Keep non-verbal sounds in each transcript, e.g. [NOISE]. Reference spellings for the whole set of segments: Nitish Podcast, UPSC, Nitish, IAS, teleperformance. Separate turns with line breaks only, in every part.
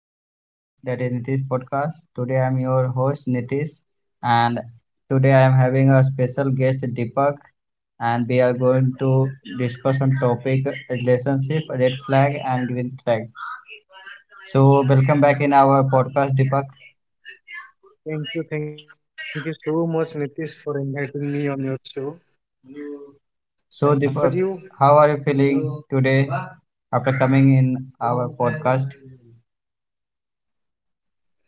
podcast, that is Nitish Podcast. Today I'm your host Nitish, and today I am having a special guest Deepak, and we are going to discuss on topic relationship red flag and green flag. So welcome back in our podcast, Deepak.
Thank you so much, Nitish, for inviting me on your show. And how are
So
you?
Deepak, how are you feeling today after coming in our podcast?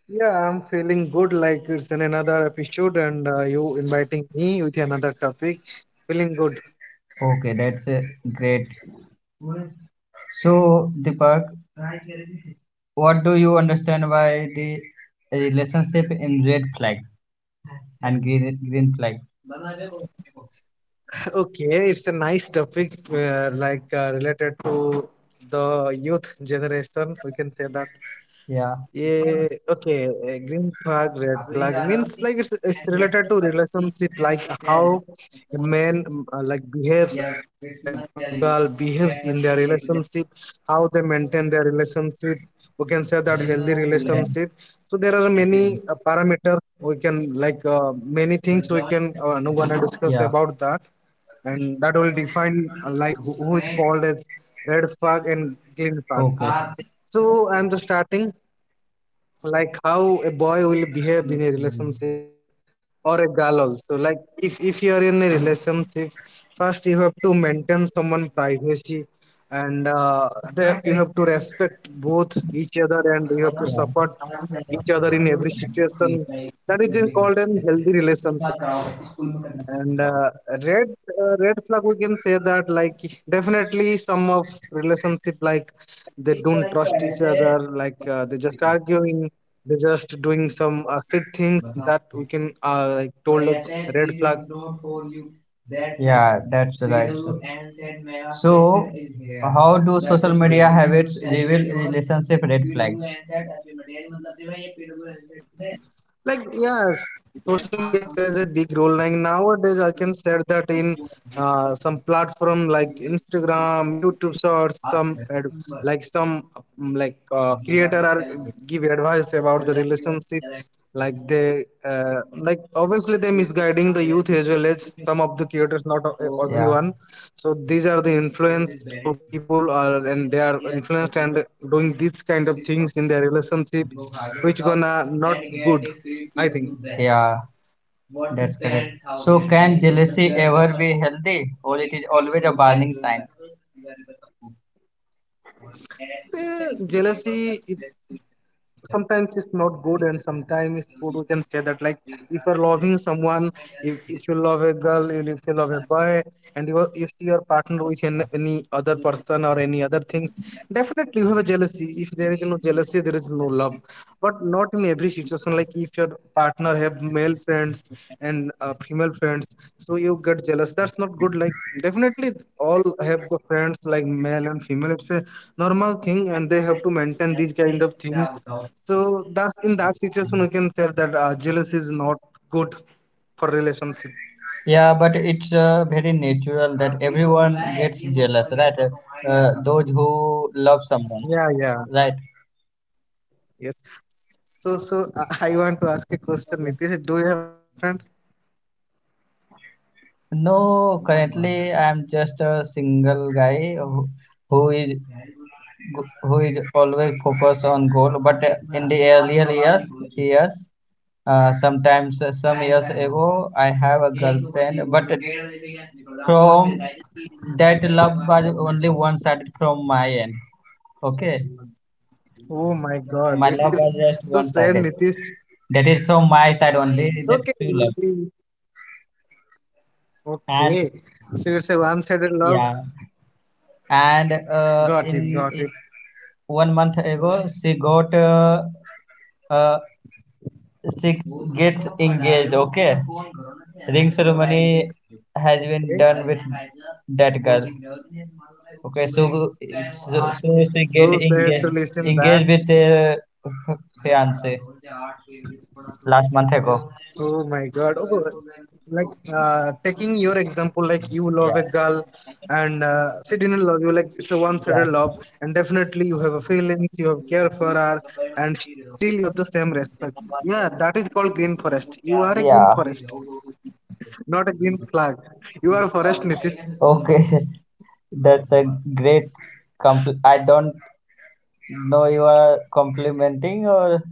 Yeah, I'm feeling good. Like it's an another episode, and you inviting me with another topic. Feeling good.
Okay, that's great. So Deepak. What do you understand by the relationship in red flag and green flag?
[LAUGHS] Okay, it's a nice topic, like related to the youth generation. We can say that.
Yeah,
Yeah, okay. Green flag, red flag means like it's related to relationship, like how a man like behaves or a girl behaves in their relationship, how they maintain their relationship. We can say that healthy relationship. So there are many parameters we can like many things we can no gonna discuss
yeah,
about that, and that will define like who is called as red flag and green flag.
okay.
So I'm just starting like how a boy will behave in a relationship or a girl also like if you are in a relationship first you have to maintain someone privacy and the, you have to respect both each other and you have to
Yeah,
support each other in every situation that is called an healthy relationship and red red flag we can say that like definitely some of relationship like they don't trust each other like they just arguing they just doing some shit things that we can like told us red flag.
yeah, that's right. So, how do media habits reveal relationship red flag?
Like yeah, social media plays a big role like nowadays I can say that in some platform like Instagram, YouTube shorts, some like some like creator are give advice about the relationship like they like obviously they misguiding the youth as well as some of the creators not
Yeah,
everyone. So these are the influence to people are, and they are influenced and doing these kind of things in their relationship which gonna not good I think.
yeah. That's correct. So, can jealousy ever be healthy, or it is always a warning sign?
The jealousy it's sometimes it's not good and sometimes it's good we can say that like if you're loving someone if, you love a girl, if you love a boy and you if your partner with an, any other person or any other things definitely you have a jealousy. If there is no jealousy there is no love, but not in every situation. Like if your partner have male friends and female friends so you get jealous that's not good. Like definitely all have the friends like male and female, it's a normal thing and they have to maintain these kind of things. So that's in that situation we can say that jealousy is not good for relationship.
Yeah, but it's very natural that everyone gets jealous, right? Those who love
Yeah,
someone,
yeah.
right?
Yes. So so [LAUGHS] I want to ask a question, Nitish, do you have a girlfriend?
No, currently I'm just a single guy who, who is who is always focused on goal. But in the earlier years, sometimes some years ago, I have a girlfriend, but from that love was only one sided from my end. Okay,
Oh my God,
my
it's,
love
it's
was just
so
one
sad,
sided.
Nitish.
That is from my side only. That
okay
true love.
you-
And
Okay, so it's a one-sided love.
yeah, and
Got it, got it.
1 month ago, uh, she get engaged. Okay, ring ceremony
Okay.
has been done with that girl. Okay, so
So
she get
sad to listen
engaged
that.
engaged with her fiance last month ago.
Oh my God. Oh, like taking your example, like you love a
Yeah,
girl and she didn't love you, like it's a one-sided
yeah,
love, and definitely you have a feelings, you have care for her, and still you have the same respect. Yeah, that is called green forest. You are a green
yeah.
forest, not a green flag. You are a forest, Nitish.
Okay, [LAUGHS] that's a great I don't. No, you are complimenting, or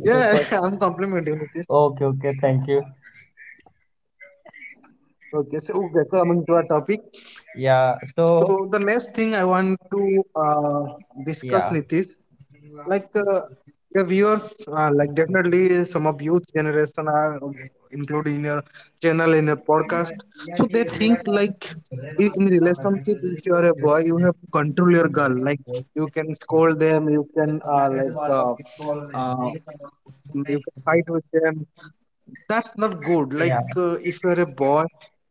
it is
Yeah,
what?
[LAUGHS] I'm complimenting Nitish.
Okay, okay, thank you.
Okay, so okay, so coming to our topic.
Yeah,
So
so
the next thing I want to discuss,
yeah,
Nitish, like your viewers, like definitely some of youth generation are included in your channel in your podcast. So they think like in relationship, if you are a boy, you have to control your girl. Like you can scold them, you can uh, you can fight with them, that's not good.
yeah,
Like if you are a boy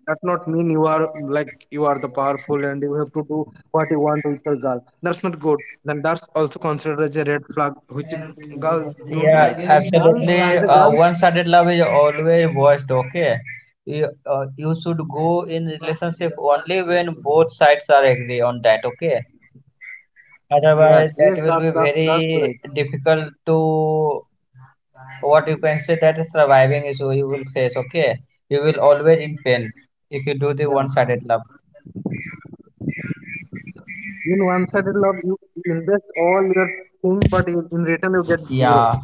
that not mean you are like you are the powerful and you have to do what you want with your girl, that's not good. Then that's also considered as a red flag which girl don't
yeah,
like, the girl
absolutely.
is a
Uh,
girl.
one-sided love is always worst, okay? You, you should go in relationship only when both sides are agree on that, okay? Otherwise,
Yes,
that
yes,
will be
that that's
very
right.
difficult to what you can say, that is surviving issue you will face, okay? You will always in pain if you do
Yeah,
the one-sided love.
in one-sided love you invest all your thing but in return you get zero.
Yeah,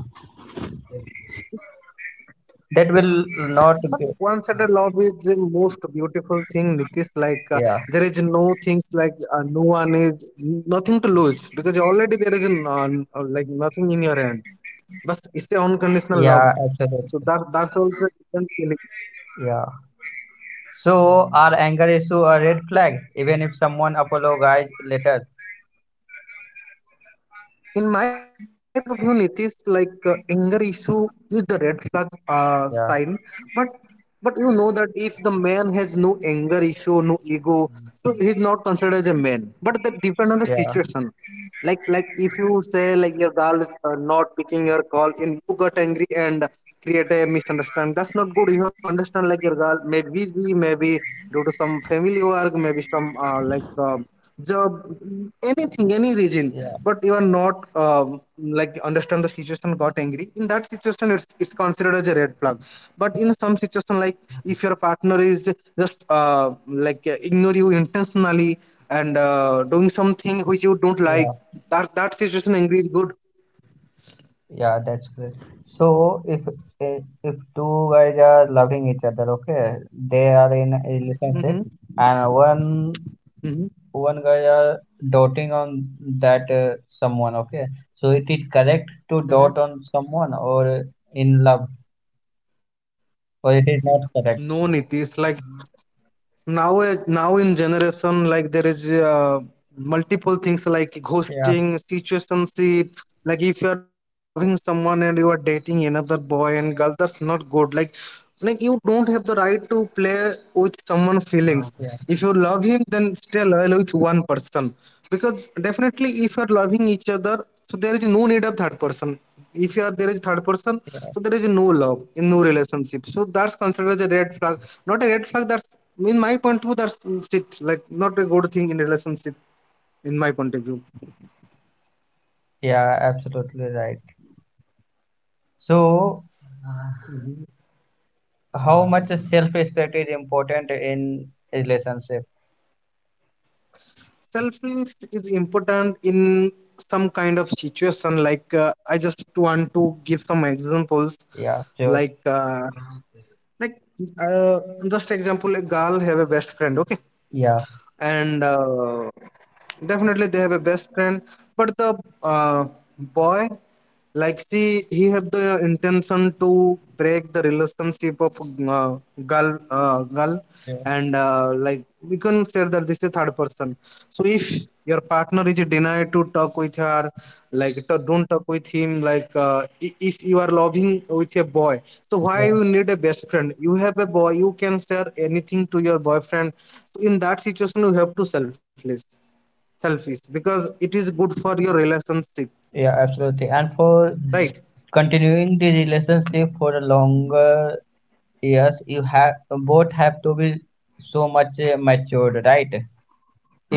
that will not
But
be.
one-sided love is the most beautiful thing, Nitish. Like
Yeah,
there is no things like no one is nothing to lose because already there is an, like nothing in your hand. But it's the unconditional love.
yeah,
So
absolutely.
that that's also a different feeling.
Yeah, so our anger is to a red flag even if someone apologizes later.
In my point of view, Nitish, like anger issue is the red flag
Yeah,
sign, but you know that if the man has no anger issue, no ego, so he's not considered as a man. But that depends on the
yeah,
situation. Like if you say like your girl is not picking your call and you got angry and create a misunderstanding, that's not good. You have to understand like your girl may be busy, maybe due to some family work, maybe some job, anything, any reason,
yeah,
but you are not like understand the situation got angry. In that situation it's considered as a red flag, but in some situation like if your partner is just ignore you intentionally and doing something which you don't
yeah,
like, that that situation angry is good.
yeah, that's great. So if if two guys are loving each other, okay, they are in a relationship,
Mm-hmm.
and one
Mm-hmm.
one guy are doting on that someone, okay, so it is correct to dot on
Mm-hmm.
someone or in love, or it is not correct.
No, Nitish, like now now in generation like there is multiple things like
Yeah.
ghosting, situationship. Like if you are loving someone and you are dating another boy and girl that's not good. Like you don't have the right to play with someone feelings.
Yeah,
If you love him then stay loyal with one person because definitely if you are loving each other so there is no need of third person. If you are there is third person
yeah,
so there is no love in no relationship, so that's considered as a red flag, not a red flag, that's in my point of view that's shit, like not a good thing in relationship in my point of view.
yeah, absolutely right. So, uh, how much self-respect is important in relationship?
Selfish is important in some kind of situation. Like I just want to give some examples,
Yeah, sure.
like like uh, just example a girl have a best friend, okay,
Yeah,
and definitely they have a best friend, but the uh, boy like see he have the intention to break the relationship of uh, girl,
yeah,
and like we can say that this is third person. So if your partner is denied to talk with her, like to, don't talk with him, like if you are loving with a boy so why
yeah,
you need a best friend, you have a boy you can share anything to your boyfriend. So in that situation you have to selfless, selfish because it is good for your relationship.
yeah, absolutely.
Right.
And for. Mm. Continuing the relationship for a longer years, you have both have to be so much matured, right?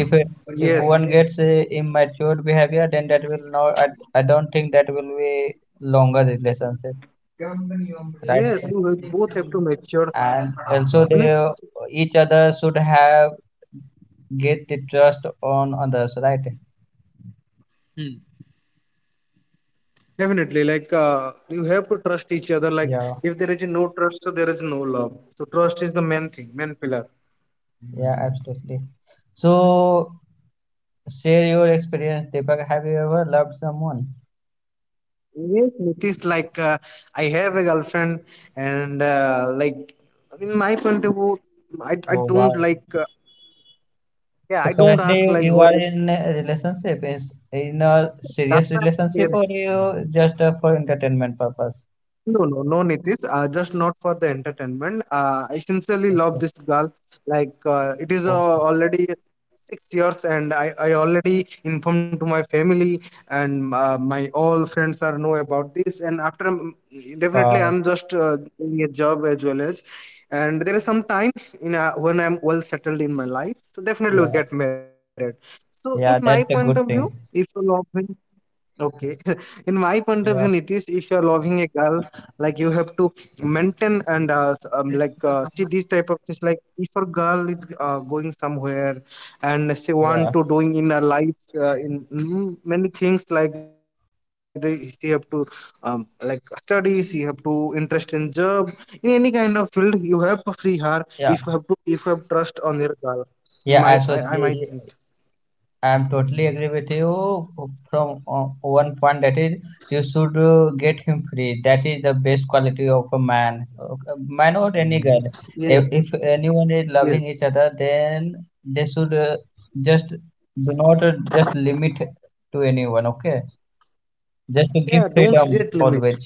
If
Yes,
one gets immature behavior, then that will not. I don't think that will be longer relationship, right?
yes, you have both have to mature.
And also
And
they
it's
each other should have get the trust on others, right?
definitely like you have to trust each other like
Yeah,
if there is no trust so there is no love, so trust is the main thing, main pillar.
yeah, absolutely. So share your experience, Deepak. Have you ever loved someone?
Yes, it is like I have a girlfriend, and like in my point of view, I
Oh
don't
wow.
like yeah I
So
don't
currently
ask
you
like
you
where.
are in a relationship. Is in a serious relationship, or you just for entertainment purpose?
No, no, no, Nitish. Just not for the entertainment. I sincerely love
Okay.
this girl. Like it is
Okay,
already 6 years, and I already informed to my family and my all friends are know about this. And after definitely,
wow.
I'm just doing a job as well as, and there is some time in when I'm well settled in my life. So definitely,
Yeah,
we get married. So in my
yeah,
point
that's a
of view,
good thing.
if you love me, okay. [LAUGHS] In my point of view,
Yeah,
Nitish, if you are loving a girl, like you have to maintain and like see these type of things. Like if a girl is going somewhere and she
yeah,
want to doing in her life many things like they she have to like study, she have to interest in job in any kind of field. You have to free her if you have to
yeah,
if you have trust on your girl. In my
yeah,
I might think.
absolutely. I'm totally agree with you from one point, that is you should get him free. That is the best quality of a man. Okay, man or any girl.
Yes,
If anyone is
yes.
loving each other, then they should just do not just limit to anyone. Okay, just to
Yeah.
give
Don't create
freedom
limit.
always.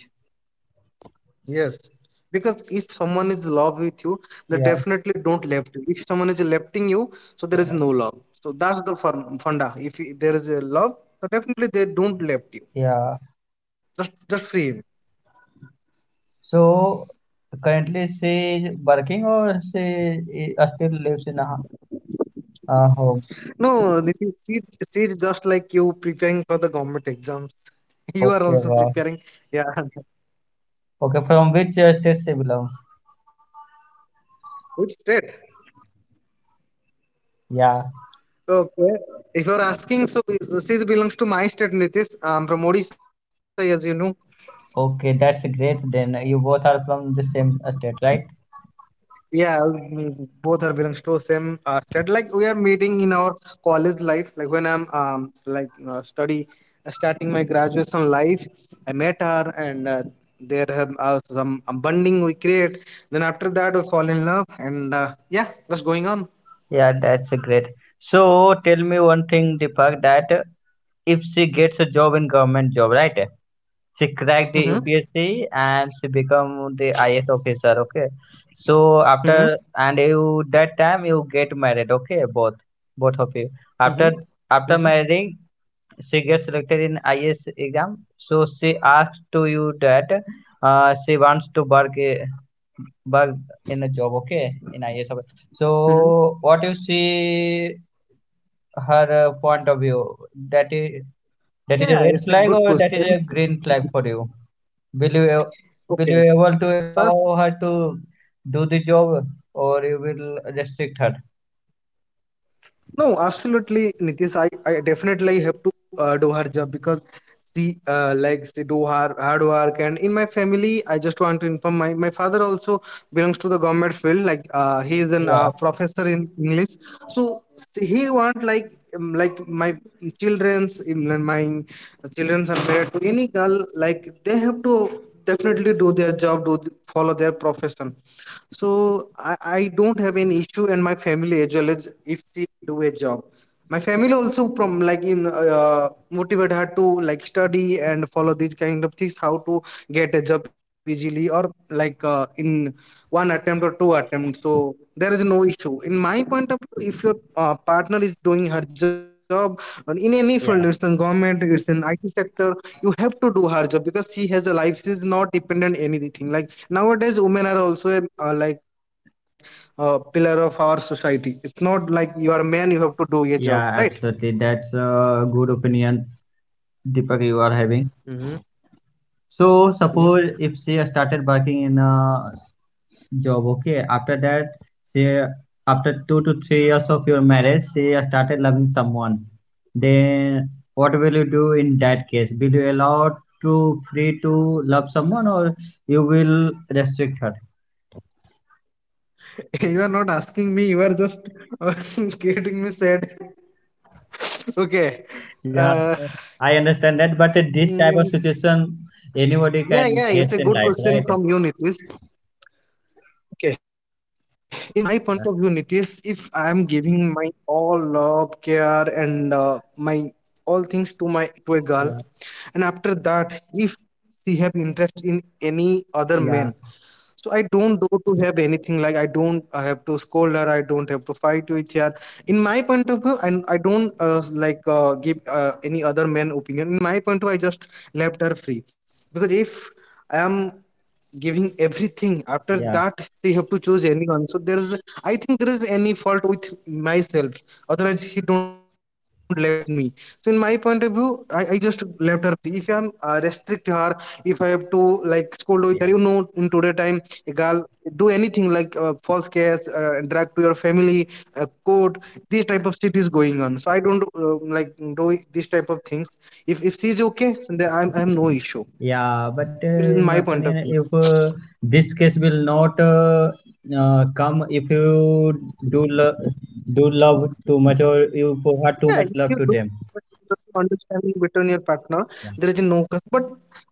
Yes, because if someone is love with you, they
Yeah,
definitely don't left you. If someone is lefting you, so there is
yeah,
no love. So that's the funda. If there is a love, so definitely they don't left you.
yeah.
Just free him.
So currently she is working, or she is still lives in a home.
No, Nitish, she's just like you preparing for the government exams. [LAUGHS] You
Okay,
are also
wow.
preparing. Yeah,
Okay, from which state she belongs?
[LAUGHS] which state?
Yeah,
Okay, if you are asking, so she belongs to my state, Nitish. I'm from Odisha, as you know.
okay, that's great then. You both are from the same state, right?
Yeah, mm, both are Bram Stoker, same stud. Like we are meeting in our college life. Like when I'm like study starting my graduation life, I met her and there have some bonding we create. Then after that we fall in love and yeah, that's going on.
Yeah, that's great. So tell me one thing, Deepak, that if she gets a job in government job, right? She cracked the
Mm-hmm.
UPSC and she become the IS officer, okay? So after
Mm-hmm.
and you that time you get married, okay? Both of you. After
Mm-hmm.
after
Mm-hmm.
marrying, she gets selected in IAS exam. So she asked to you that she wants to work in a job, okay, in IAS.
Mm-hmm.
So what you see her point of view? That is that is a
Yeah,
red
it's a
flag,
good
or that is
question.
a green flag for you? Will you a- will you
Okay,
able to allow
first.
her to do the job, or you will restrict her?
No, absolutely, Nitish. I definitely have to do her job because she likes to do her hard work. And in my family, I just want to inform my father also belongs to the government field. He is an
Yeah.
professor in English, so he want like my childrens are married to any girl. Like they have to definitely do their job, follow their profession. So I don't have any issue, and my family as well as if she do a job. My family also from like in motivate her to like study and follow these kind of things, how to get a job easily or like in one attempt or two attempts. So there is no issue. In my point of view, if your partner is doing her job or in any field,
Yeah,
it's in government, it's in IT sector, you have to do her job because she has a life. She's not dependent anything. Like nowadays, women are also like pillar of our society. It's not like you are a man, you have to do a job, right?
yeah, absolutely. That's a good opinion, Deepak, you are having.
Mm-hmm.
So
Yeah.
suppose if she started working in a job, okay, after that she after 2 to 3 years of your marriage, she started loving someone. Then what will you do in that case? Will you allow to free to love someone, or you will restrict her?
[LAUGHS] You are not asking me, you are just [LAUGHS] getting me sad. [LAUGHS] Okay.
Yeah,
Uh,
I understand that, but this type of
mm,
situation anybody
yeah,
can
yeah,
get
it's a
in
good
life,
question
right?
from you, Nitish. Okay, in my point of view, Nitish, if I am giving my all love, care, and my all things to my to a girl,
Yeah,
and after that, if she have interest in any other man,
yeah,
so I don't do to have anything. Like I don't have to scold her, I don't have to fight with her in my point of view, and I don't give any other man opinion. In my point of view I just left her free, because if I am giving everything after
yeah,
that, they have to choose anyone. So there is, I think there is any fault with myself, otherwise he don't left me. So in my point of view I just left her free. If I am restrict her, if I have to like scold with her, you know, in
yeah.
today time, a girl do anything like false case, drag to your family, court, this type of shit is going on. So I don't like do this type of things. If she is okay then I have no issue.
Yeah,
It
but
is my
in my
point of view.
opinion, if this case will not come, if you do lo do love too much, or you provide
Yeah,
too
if
much
you
love
look
to them.
at the understanding between your partner,
Yeah,
there is no cause. But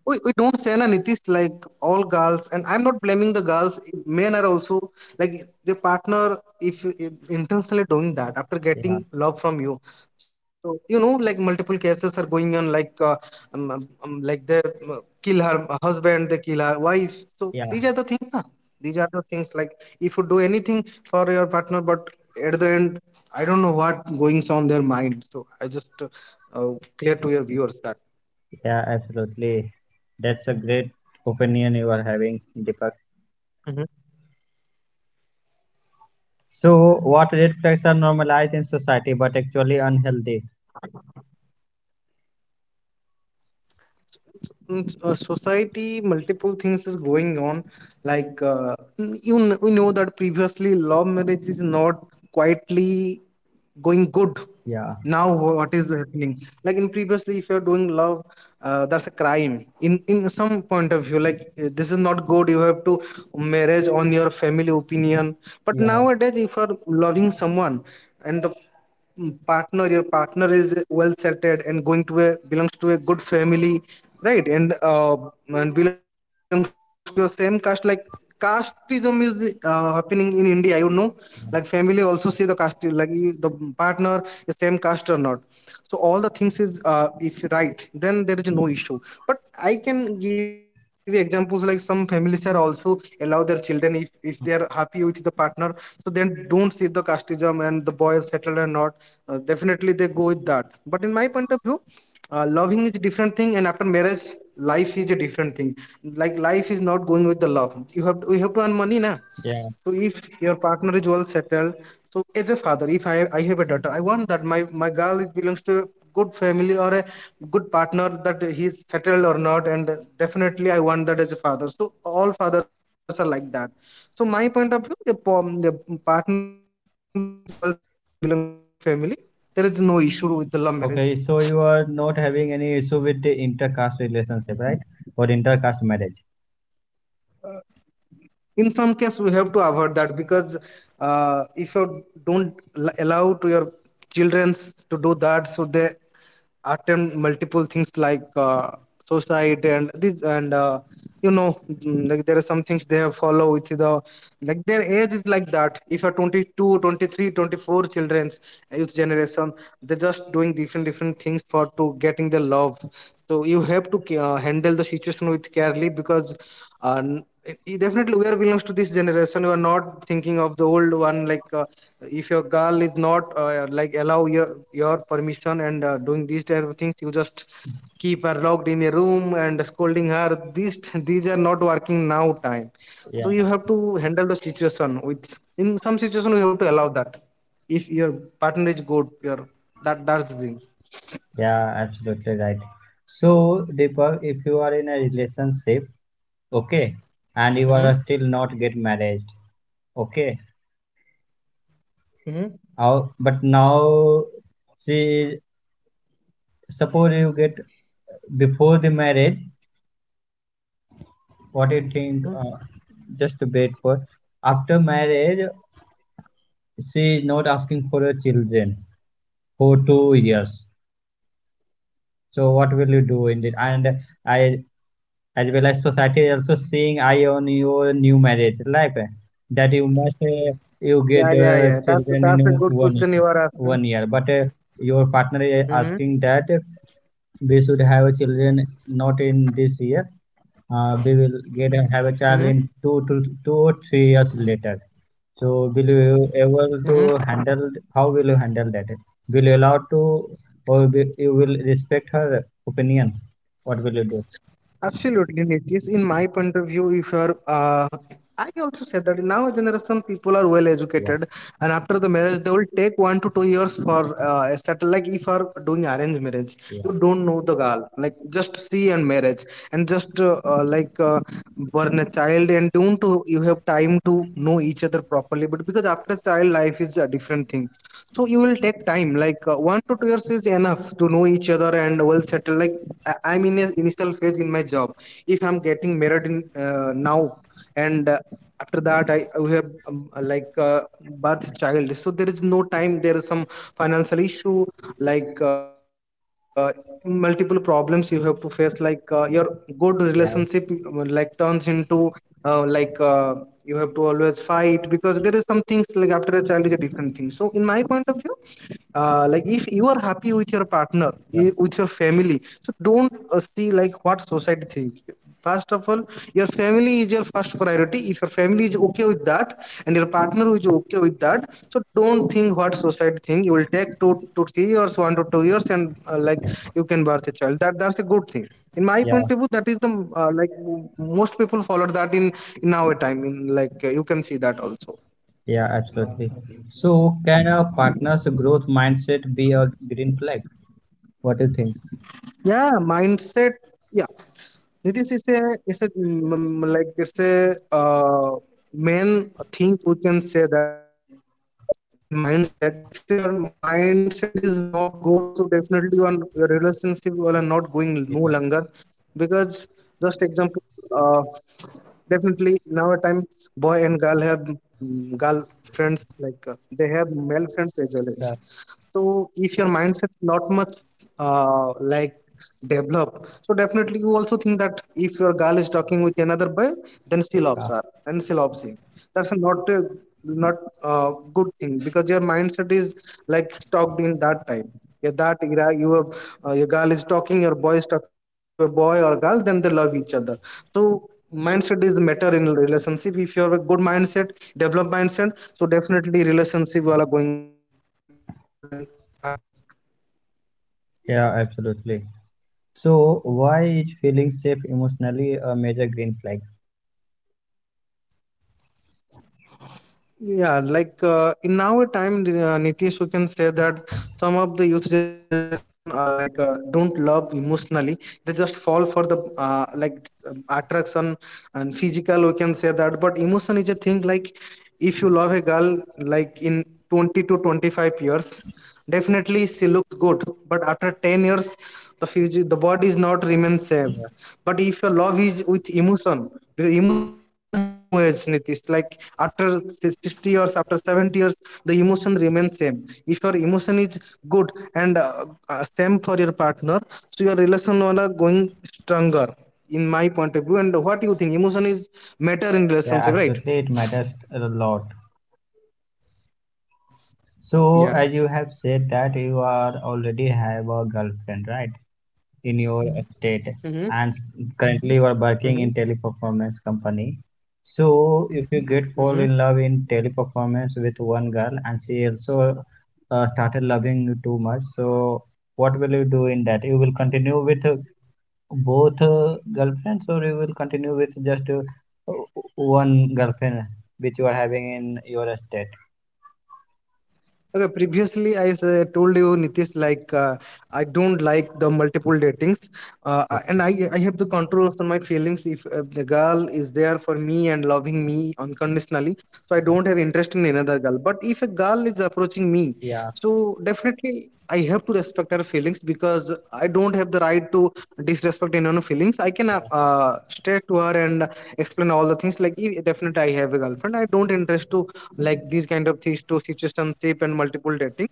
we don't say na Nitish like all girls, and I'm not blaming the girls. Men are also like the partner if intentionally doing that after
yeah,
getting love from you. So you know, like multiple cases are going on, like they kill her husband, they kill her wife. So these are the
yeah,
things, na. These are the things, like if you do anything for your partner, but at the end I don't know what goings on their mind. So I just clear to your viewers that.
yeah, absolutely. That's a great opinion you are having, Deepak.
Mhm.
So, what red flags are normalized in society but actually unhealthy?
In society multiple things is going on, like you know that previously love marriage is not quietly going good.
Yeah,
Now what is happening, like in previously if you're doing love, that's a crime in some point of view, like this is not good, you have to marriage on your family opinion. But
yeah,
nowadays if you're loving someone, and the mm, partner your partner is well settled and going to a belongs to a good family, right? And belongs to your same caste. Like casteism is happening in India, you know, like family also see the caste, like if the partner is same caste or not. So all the things is if right, then there is no issue. But I can give examples, like some families are also allow their children if they are happy with the partner, so then don't see the casteism and the boy is settled or not, definitely they go with that. But in my point of view, loving is a different thing and after marriage life is a different thing. Like life is not going with the love, you have we have to earn money na.
yeah.
So if your partner is well settled, so as a father, if I have a daughter, I want that my girl is belongs to a good family or a good partner, that he is settled or not, and definitely I want that as a father. So all fathers are like that. So my point of view, the partner is well settled, he belongs to a good family. There is no issue with the law.
Okay, so you are not
In
having
some
any
case, we
issue
have to
with the
avoid that
intercaste
because
relationship,
marriage.
right? Or intercaste marriage?
If you don't allow to your children to do that, so they attempt multiple things like suicide and this and you know like there are some things they have follow with the, like their age is like that. If you're 22 23 24 children's, youth generation, they're just doing different different things for to getting their love. So you have to handle the situation with carefully, because uh, n- definitely we are belongs to this generation, you are not thinking of the old one. Like if your girl is not like allow your permission and doing these type of things, you just keep her locked in a room and scolding her, these these are not working now time. So you
Yeah.
have to handle the situation with, in some situation you have to allow that. If your partner is good, your that that's the thing.
Yeah, absolutely right. So, Deepak, if you are in a relationship, okay, and you are still not get married, okay, but now, see, suppose you get before the marriage, what do you think? Just to wait for after marriage, she is not asking for her children for 2 years. So, what will you do in it? And I, as well as society, is also seeing eye on your new marriage life, eh, that you must
yeah yeah yeah
you get
that's a good question you
children
are
in
asking.
one y- one year, but your
Mm-hmm.
partner is asking that we should have children not in this year, we will get
Mm-hmm.
have a child in 2 to 2 or 3 years later. So will you able to handle, how will you handle that? Will you allow to, or will you will respect her opinion? What will you do?
Absolutely, Nitish. In my point of view, if you are, I also said that now generation people are well
Yeah,
educated, and after the marriage, they will take 1 to 2 years for settle. Like if you are doing arranged marriage,
yeah,
you don't know the girl, like just see and marriage, and just like born a child, and don't to, you have time to know each other properly. But because after child life is a different thing, so you will take time like 1 to 2 years is enough to know each other and well settle. Like I'm in a initial phase in my job. If I'm getting married in now and after that I have like uh, birth child, so there is no time, there is some financial issue, like multiple problems you have to face, like your good relationship
yeah.
like turns into uh, like uh, you have to always fight because there is some things like after a child is a different thing. So in my point of view, like if you are happy with your partner
Yeah,
with your family, so don't see like what society think. First of all, your family is your first priority. If your family is okay with that and your partner is okay with that, so don't think what society think. You will take 2 to 3 years, 1 to 2 years, and like you can birth a child, that that's a good thing in my
yeah,
point of view. That is the most people follow that in our time in, like you can see that also.
yeah, absolutely. So, can a partner's growth mindset be a green flag? What do you think?
Yeah, mindset. Yeah, Nitish, it's a like it's a main thing we can say that, in mindset. If your mindset is not good, so definitely your relationship will are not going no longer.
Yeah,
Because just example, uh, definitely now a time boy and girl have girl friends, like they have male friends as well as.
yeah,
So if your mindset not much like develop, so definitely you also think that if your girl is talking with another boy, then she
yeah,
loves her and she loves him. That's not a good thing because your mindset is like stuck in that time, yeah, that era you have. Uh, your girl is talking, your boy is talking to a boy or girl, then they love each other. So mindset is matter in relationship. If you have a good mindset, develop mindset, so definitely relationship will are going good and happy.
yeah, absolutely. So, why is feeling safe emotionally a major green flag?
Yeah, like in our time, Nitish, we can say that some of the youth generation don't love emotionally. They just fall for the attraction and physical. We can say that, but emotion is a thing. Like if you love a girl, like in 20 to 25 years, definitely she looks good. But after 10 years, the physical, the body is not remain same.
Yeah,
But if your love is with emotion, because emotion have no age Nitish, like after 60 years, after 70 years, the emotion remains same. If your emotion is good and same for your partner, so your relation are going stronger, in my point of view. And what do you think, emotion is matter in
yeah,
relationship, right?
absolutely. It matters a lot. So, as
Yes.
you have said that you are already have a girlfriend, right? In your state,
Mm-hmm.
and currently you are working in teleperformance company. So if you get fall in
Mm-hmm.
love in teleperformance with one girl, and she also started loving you too much, so what will you do in that? You will continue with both girlfriends, or you will continue with just one girlfriend which you are having in your state?
Okay, previously I told you Nitish, like I don't like the multiple datings, uh, and I
Okay.
I have the control on my feelings. If the girl is there for me and loving me unconditionally, so I don't have interest in another girl. But if a girl is approaching me,
Yeah,
so definitely I have to respect her feelings, because I don't have the right to disrespect anyone's feelings. I can
yeah,
stay to her and explain all the things, like, "If- definitely I have a girlfriend. I don't interest to like these kind of things, to situationship and multiple dating,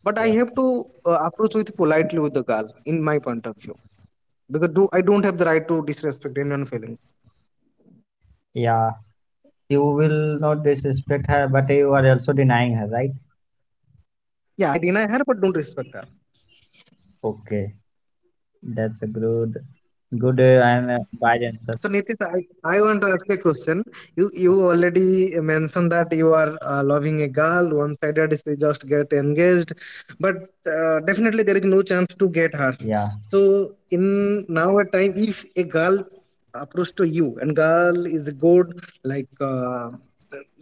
but I
yeah,
have to approach with politely with the girl, in my point of view, because do I don't have the right to disrespect anyone's feelings.
yeah. You will not disrespect her, but you are also denying her right.
Yeah, I deny her but don't respect her.
Okay, that's a good and wide
So
answer.
Nitish, I want to ask a question. You already mentioned that you are loving a girl one sided, she just get engaged, but definitely there is no chance to get her.
Yeah.
So in now a time, if a girl approach to you and girl is good, like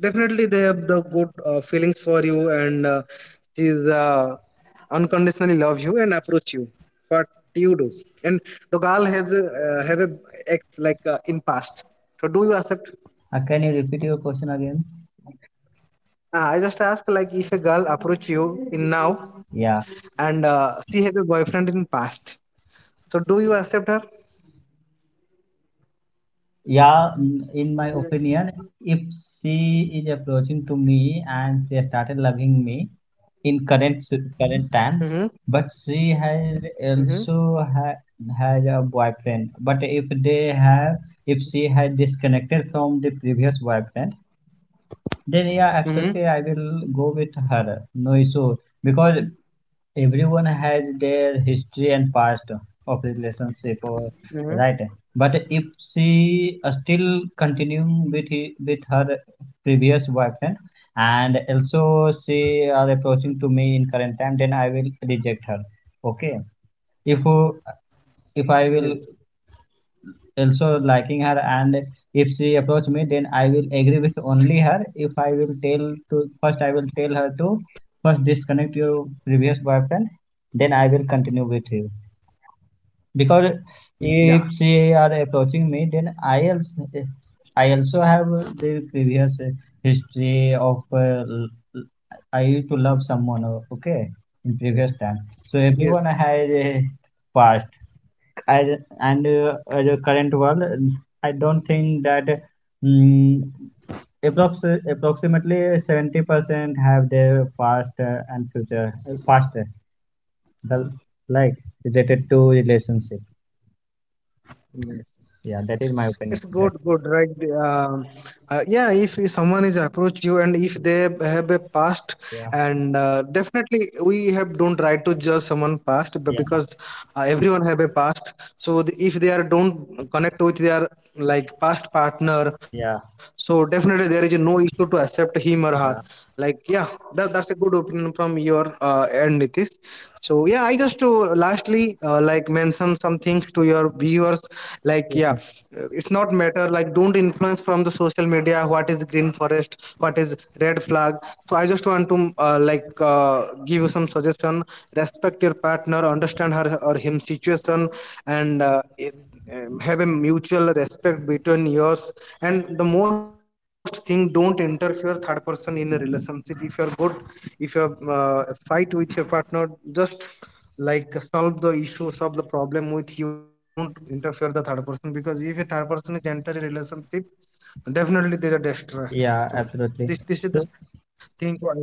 definitely they have the good feelings for you, and she's unconditionally love you and approach you. What you do, and the girl has a ex, like in past. So do you accept?
Can you repeat your question again?
I just ask like, if a girl approach you in now,
Yeah,
and she have a boyfriend in past. So do you accept her?
yeah. In my opinion, if she is approaching to me and she has started loving me in current
Mm-hmm.
time, but she has
Mm-hmm.
also ha has a boyfriend. But if they have, if she has disconnected from the previous boyfriend, then yeah,
Mm-hmm.
absolutely, I will go with her. No issue, because everyone has their history and past of relationship, or
Hmm.
right. But if she still continuing with with her previous boyfriend, and also she are approaching to me in current time, then I will reject her. Okay. If if
Yes.
I will also liking her, and if she approach me, then I will agree with only her. If I will tell to first, I will tell her to first disconnect your previous boyfriend, then I will continue with you. Because if
Yeah.
she are approaching me, then I also have the previous history of l- I used to love someone, okay, in previous time. So
Yes.
everyone has a past. I, and The current world, I don't think that um approximately 70% have their past and future, past the like related to relationship.
Yes.
Yeah, that is my opinion.
It's
On That
good. Good. Right. Um, yeah. If someone is approach you and if they have a past,
Yeah,
and definitely we have don't try to judge someone past
yeah,
because everyone have a past. So the, if they are don't connect with their like past partner,
yeah.
so definitely there is no issue to accept him or her. Like yeah, that's a good opinion from your end, Nitish. So yeah, I just to lastly mention some things to your viewers. Like yeah, it's not matter, like, don't influence from the social media what is green forest, what is red flag. So I just want to give you some suggestion. Respect your partner, understand her or him situation, and have a mutual respect between yours. And the most thing, don't interfere third person in the relationship. If you're good, if you are fight with your partner, just like solve the issue, solve the problem with you, don't interfere the third person, because if a third person is enter a relationship, definitely they're a destroyer. So this is the thing what I want to add.